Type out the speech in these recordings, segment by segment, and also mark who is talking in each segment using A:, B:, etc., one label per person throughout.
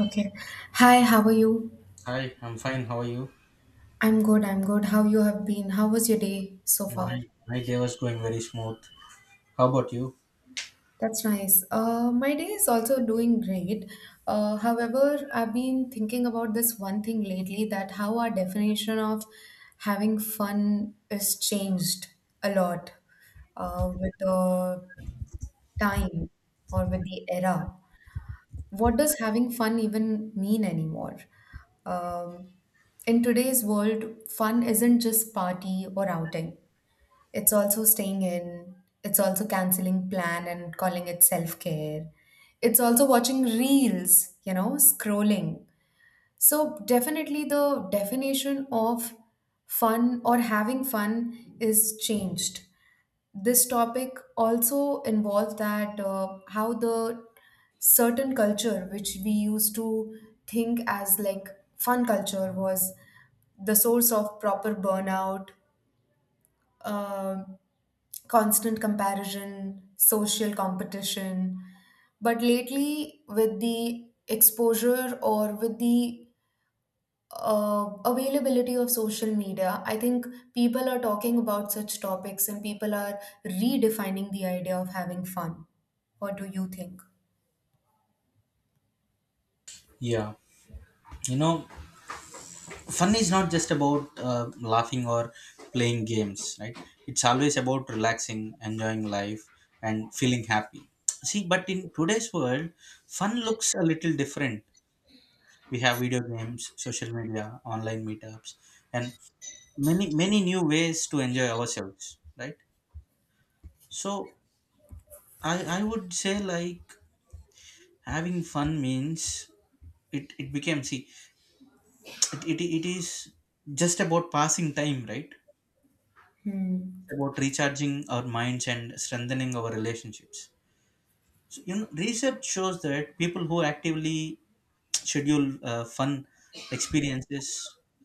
A: Okay. Hi, how are you?
B: Hi, I'm fine. How are you?
A: I'm good, I'm good. How you have been? How was your day so
B: My
A: far?
B: my day was going very smooth. How about you?
A: That's nice. My day is also doing great. However, I've been thinking about this one thing lately that how our definition of having fun is changed a lot with the time or with the era. What does having fun even mean anymore? Um, in today's world, fun isn't just party or outing. It's also staying in. It's also canceling plan and calling it self-care. It's also watching reels, you know, scrolling. So definitely the definition of fun or having fun is changed. This topic also involves that how the certain culture which we used to think as like fun culture was the source of proper burnout, uh, constant comparison, social competition. But lately with the exposure or with the availability of social media, I think people are talking about such topics and people are redefining the idea of having fun. What do you think?
B: Yeah, you know, fun is not just about laughing or playing games, right? It's always about relaxing, enjoying life, and feeling happy. See, but in today's world, fun looks a little different. We have video games, social media, online meetups, and many new ways to enjoy ourselves, right? So I would say, like, having fun means it became. See, it is just about passing time, right? It's
A: Hmm.
B: about recharging our minds and strengthening our relationships. So, you know, research shows that people who actively schedule fun experiences,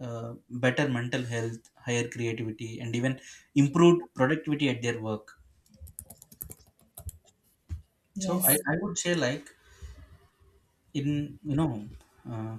B: uh, better mental health, higher creativity, and even improved productivity at their work. So i,
A: Yes.
B: I would say, like, in, you know, uh,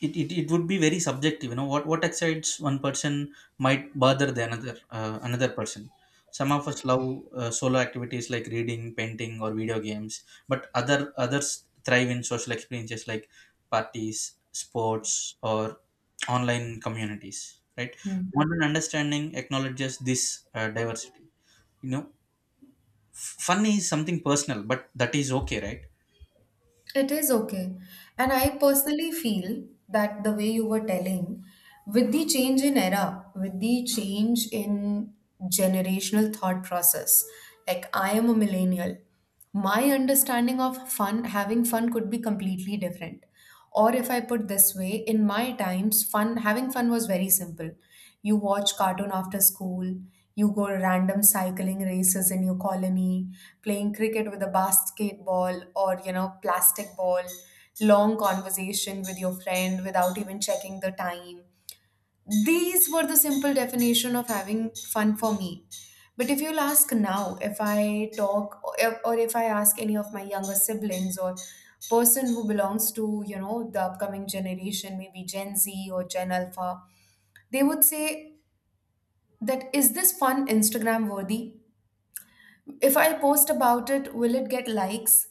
B: it would be very subjective. You know, what excites one person might bother the another person. Some of us love solo activities like reading, painting, or video games, but others thrive in social experiences like parties, sports, or online communities, right?
A: Hmm.
B: Modern understanding acknowledges this diversity, you know. Fun is something personal, but that is okay, right?
A: It is okay. And I personally feel that the way you were telling, with the change in era, with the change in generational thought process, like I am a millennial, my understanding of fun, having fun could be completely different. Or if I put this way, in my times, fun having fun was very simple. You watch cartoon after school, you go random cycling races in your colony, playing cricket with a basketball or you know plastic ball, long conversation with your friend without even checking the time. These were the simple definition of having fun for me. But if you'll ask now, if I talk or if I ask any of my younger siblings or person who belongs to, you know, the upcoming generation, maybe Gen Z or Gen Alpha, they would say, that is this fun Instagram worthy? If I post about it, will it get likes?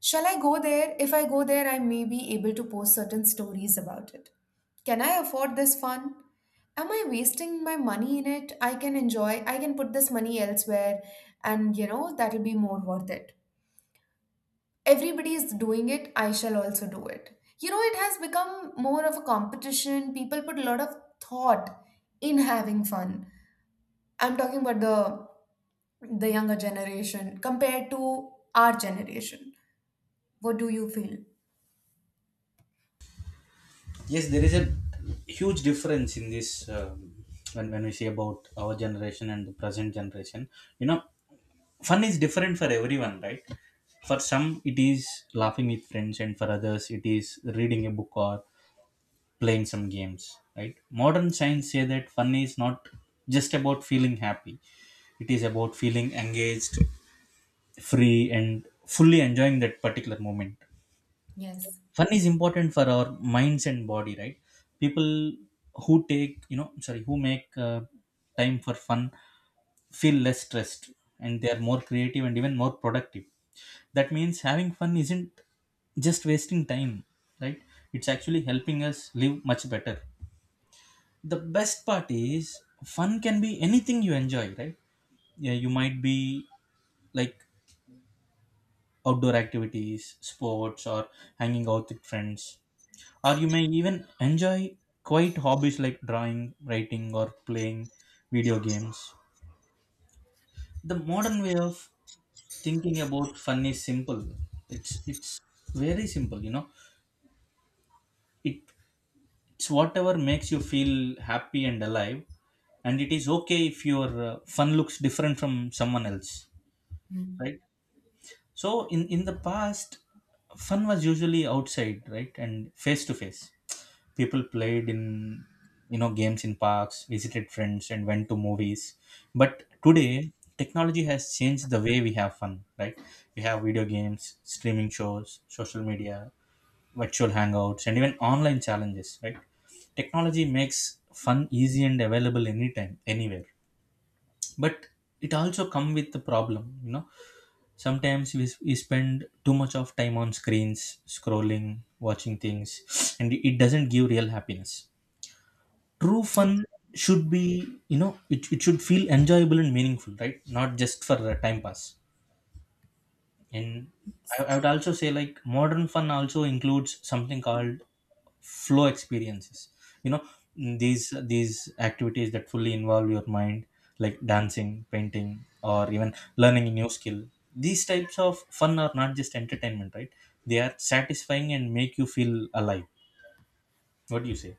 A: Shall I go there? If I go there, I may be able to post certain stories about it. Can I afford this fun? Am I wasting my money in it? I can enjoy, I can put this money elsewhere, and you know, that'll be more worth it. Everybody is doing it, I shall also do it. You know, it has become more of a competition. People put a lot of thought in having fun. I'm talking about the younger generation compared to our generation. What do you feel?
B: Yes, there is a huge difference in this when we say about our generation and the present generation. You know, fun is different for everyone, right? For some, it is laughing with friends, and for others, it is reading a book or playing some games, right? Modern science say that fun is not just about feeling happy, it is about feeling engaged, free, and fully enjoying that particular moment.
A: Yes.
B: Fun is important for our minds and body, right? People who take, you know, sorry, who make time for fun feel less stressed, and they are more creative and even more productive. That means having fun isn't just wasting time, right? It's actually helping us live much better. The best part is fun can be anything you enjoy, right? Yeah, you might be like outdoor activities, sports, or hanging out with friends, or you may even enjoy quiet hobbies like drawing, writing, or playing video games. The modern way of thinking about fun is simple. It's very simple, you know. It it's whatever makes you feel happy and alive, and it is okay if your fun looks different from someone else, right? So in the past, fun was usually outside, right, and face to face. People played in, you know, games in parks, visited friends, and went to movies. But today technology has changed the way we have fun, right? We have video games, streaming shows, social media, virtual hangouts, and even online challenges, right? Technology makes fun easy and available anytime, anywhere. But it also come with the problem, you know. Sometimes we spend too much of time on screens, scrolling, watching things, and it doesn't give real happiness. True fun should be, you know, it should feel enjoyable and meaningful, right, not just for a time pass. And I would also say, like, modern fun also includes something called flow experiences, you know, these activities that fully involve your mind, like dancing, painting, or even learning a new skill. These types of fun are not just entertainment, right? They are satisfying and make you feel alive. What do you say?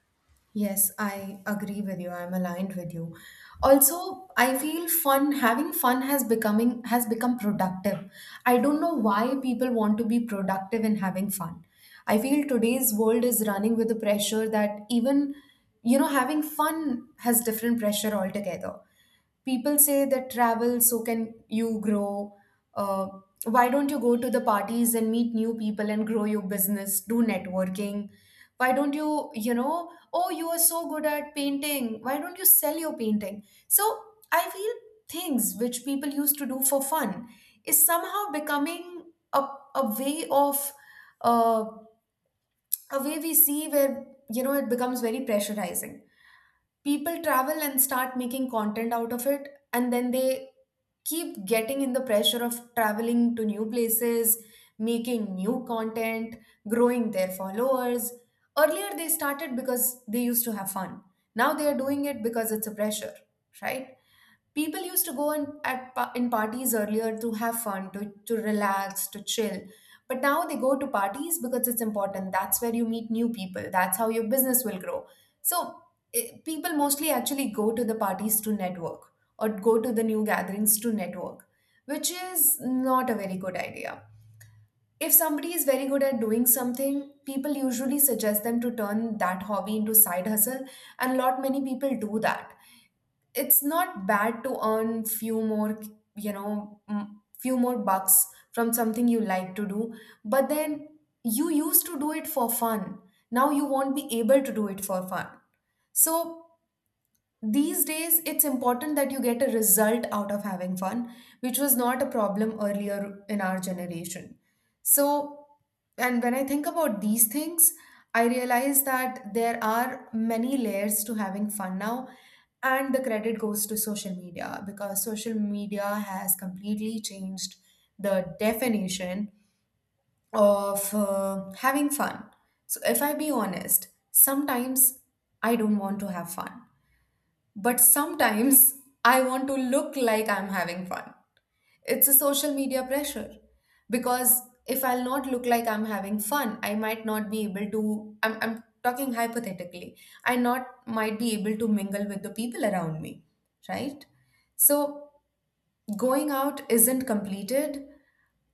A: Yes, I agree with you. I'm aligned with you. Also, I feel fun, having fun has becoming has become productive. I don't know why people want to be productive in having fun. I feel today's world is running with the pressure that even, you know, having fun has different pressure altogether. People say that travel so can you grow. uh, why don't you go to the parties and meet new people and grow your business, do networking? Why don't you, you know, oh, you are so good at painting, why don't you sell your painting? So I feel things which people used to do for fun is somehow becoming a, a way of, uh, a way we see where, you know, it becomes very pressurizing. People travel and start making content out of it and then they keep getting in the pressure of traveling to new places, making new content, growing their followers. Earlier they started because they used to have fun, now they are doing it because it's a pressure, right? People used to go in, at, pa- in parties earlier to have fun, to relax, to chill. But now they go to parties because it's important. That's where you meet new people. That's how your business will grow. So people mostly actually go to the parties to network or go to the new gatherings to network, which is not a very good idea. If somebody is very good at doing something, people usually suggest them to turn that hobby into side hustle, and lot many people do that. It's not bad to earn few more, you know, few more bucks from something you like to do. But then you used to do it for fun, now you won't be able to do it for fun. So these days, it's important that you get a result out of having fun, which was not a problem earlier in our generation. So, and when I think about these things, I realize that there are many layers to having fun now, and the credit goes to social media because social media has completely changed the definition of having fun. So, if I be honest, sometimes I don't want to have fun. But sometimes I want to look like I'm having fun. It's a social media pressure because if I'll not look like I'm having fun, I might not be able to. I'm talking hypothetically. I not might be able to mingle with the people around me, right? So going out isn't completed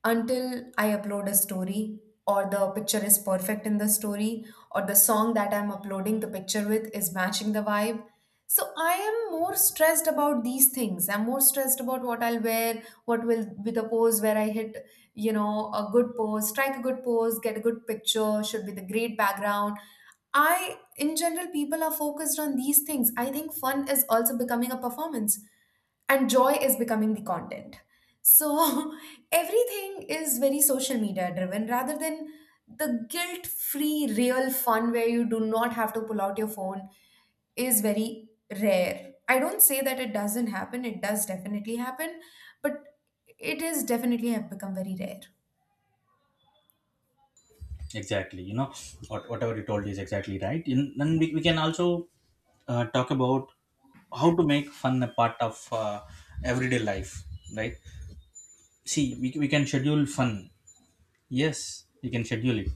A: until I upload a story, or the picture is perfect in the story, or the song that I'm uploading the picture with is matching the vibe. So I am more stressed about these things. I'm more stressed about what I'll wear, what will be the pose where I hit, you know, a good pose, strike a good pose, get a good picture, should be the great background. I, in general, people are focused on these things. I think fun is also becoming a performance and joy is becoming the content. So everything is very social media driven rather than the guilt free real fun where you do not have to pull out your phone is very rare. I don't say that it doesn't happen, it does definitely happen. But it is definitely have become very rare.
B: Exactly, you know, whatever you told is exactly right. In then we can also talk about how to make fun a part of everyday life, right? See, we can schedule fun. Yes, you can schedule it.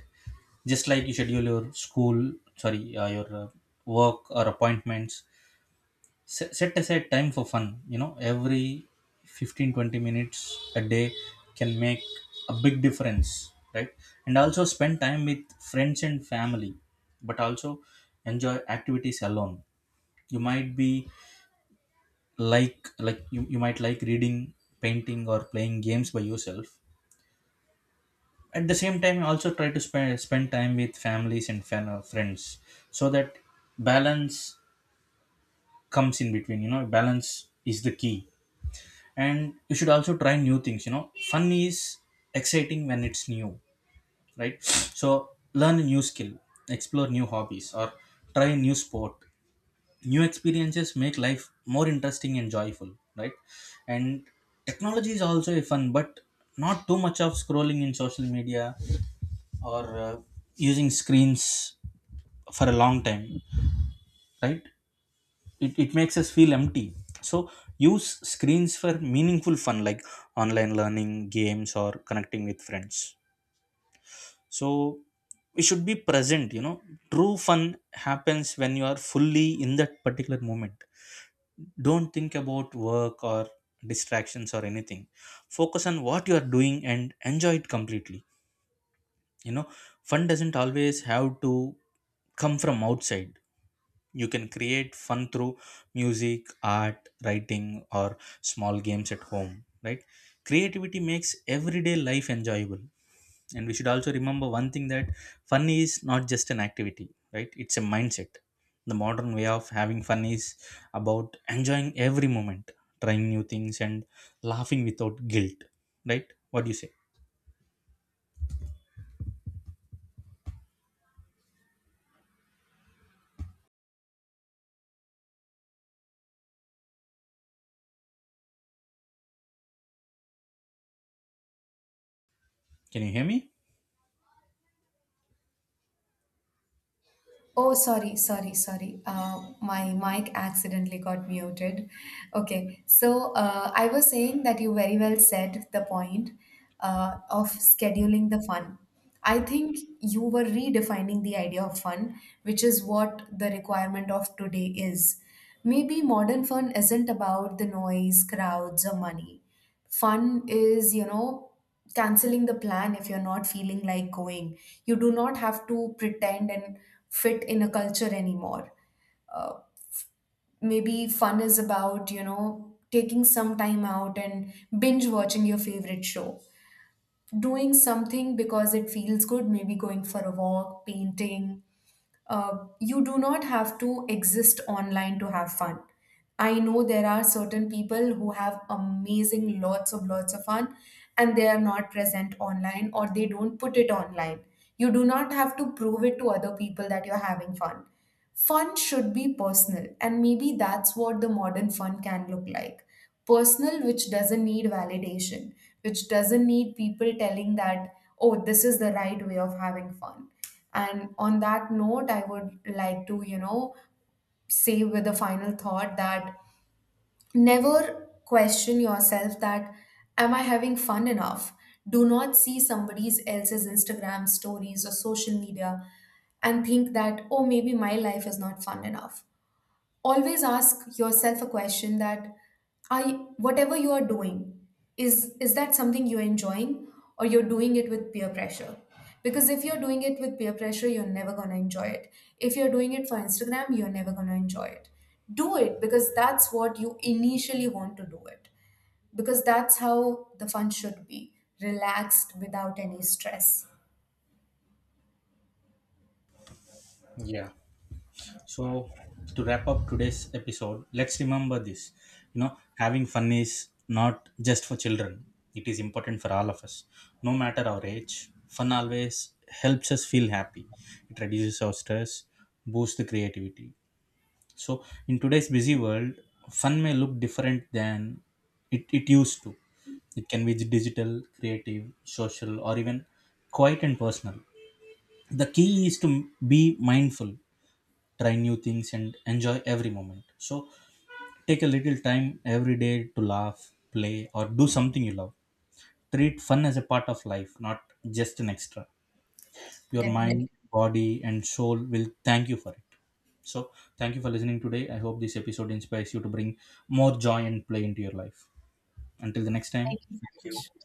B: Just like you schedule your school sorry your work or appointments. Set aside time for fun. You know, every 15-20 minutes a day can make a big difference, right? And also spend time with friends and family, but also enjoy activities alone. You might be like you might like reading, painting, or playing games by yourself. At the same time, also try to spend time with families and friends. So that balance comes in between. You know, balance is the key. And you should also try new things. You know, fun is exciting when it's new, right? So learn a new skill, explore new hobbies, or try a new sport. New experiences make life more interesting and joyful, right? And technology is also a fun, but not too much of scrolling in social media or using screens for a long time, right? It makes us feel empty. So use screens for meaningful fun like online learning, games, or connecting with friends. So we should be present. You know, true fun happens when you are fully in that particular moment. Don't think about work or distractions or anything. Focus on what you are doing and enjoy it completely. You know, fun doesn't always have to come from outside. You can create fun through music, art, writing, or small games at home, right? Creativity makes everyday life enjoyable. And we should also remember one thing, that fun is not just an activity, right? It's a mindset. The modern way of having fun is about enjoying every moment, trying new things, and laughing without guilt, right? What do you say? Can you hear me?
A: Oh, sorry, sorry, sorry. My mic accidentally got muted. Okay, so I was saying that you very well said the point of scheduling the fun. I think you were redefining the idea of fun, which is what the requirement of today is. Maybe modern fun isn't about the noise, crowds, or money. Fun is, you know, canceling the plan if you're not feeling like going. You do not have to pretend and fit in a culture anymore. Maybe fun is about, you know, taking some time out and binge watching your favorite show. Doing something because it feels good, maybe going for a walk, painting, you do not have to exist online to have fun. I know there are certain people who have amazing lots of fun and they are not present online or they don't put it online. You do not have to prove it to other people that you're having fun. Fun should be personal, and maybe that's what the modern fun can look like. Personal, which doesn't need validation, which doesn't need people telling that, oh, this is the right way of having fun. And on that note, I would like to, you know, say with a final thought that never question yourself that, am I having fun enough? Do not see somebody else's Instagram stories or social media and think that, oh, maybe my life is not fun enough. Always ask yourself a question that, I whatever you are doing, is that something you're enjoying, or you're doing it with peer pressure? Because if you're doing it with peer pressure, you're never going to enjoy it. If you're doing it for Instagram, you're never going to enjoy it. Do it because that's what you initially want to do it, because that's how the fun should be, relaxed without any stress.
B: Yeah. So, to wrap up today's episode, let's remember this. You know, having fun is not just for children, it is important for all of us. No matter our age, fun always helps us feel happy. It reduces our stress, boosts the creativity. So, in today's busy world, fun may look different than it used to. It can be digital, creative, social, or even quiet and personal. The key is to be mindful, try new things, and enjoy every moment. So take a little time every day to laugh, play, or do something you love. Treat fun as a part of life, not just an extra. Your
A: Definitely.
B: mind, body, and soul will thank you for it. So thank you for listening today. I hope this episode inspires you to bring more joy and play into your life. Until the next time.
A: Thank you so much.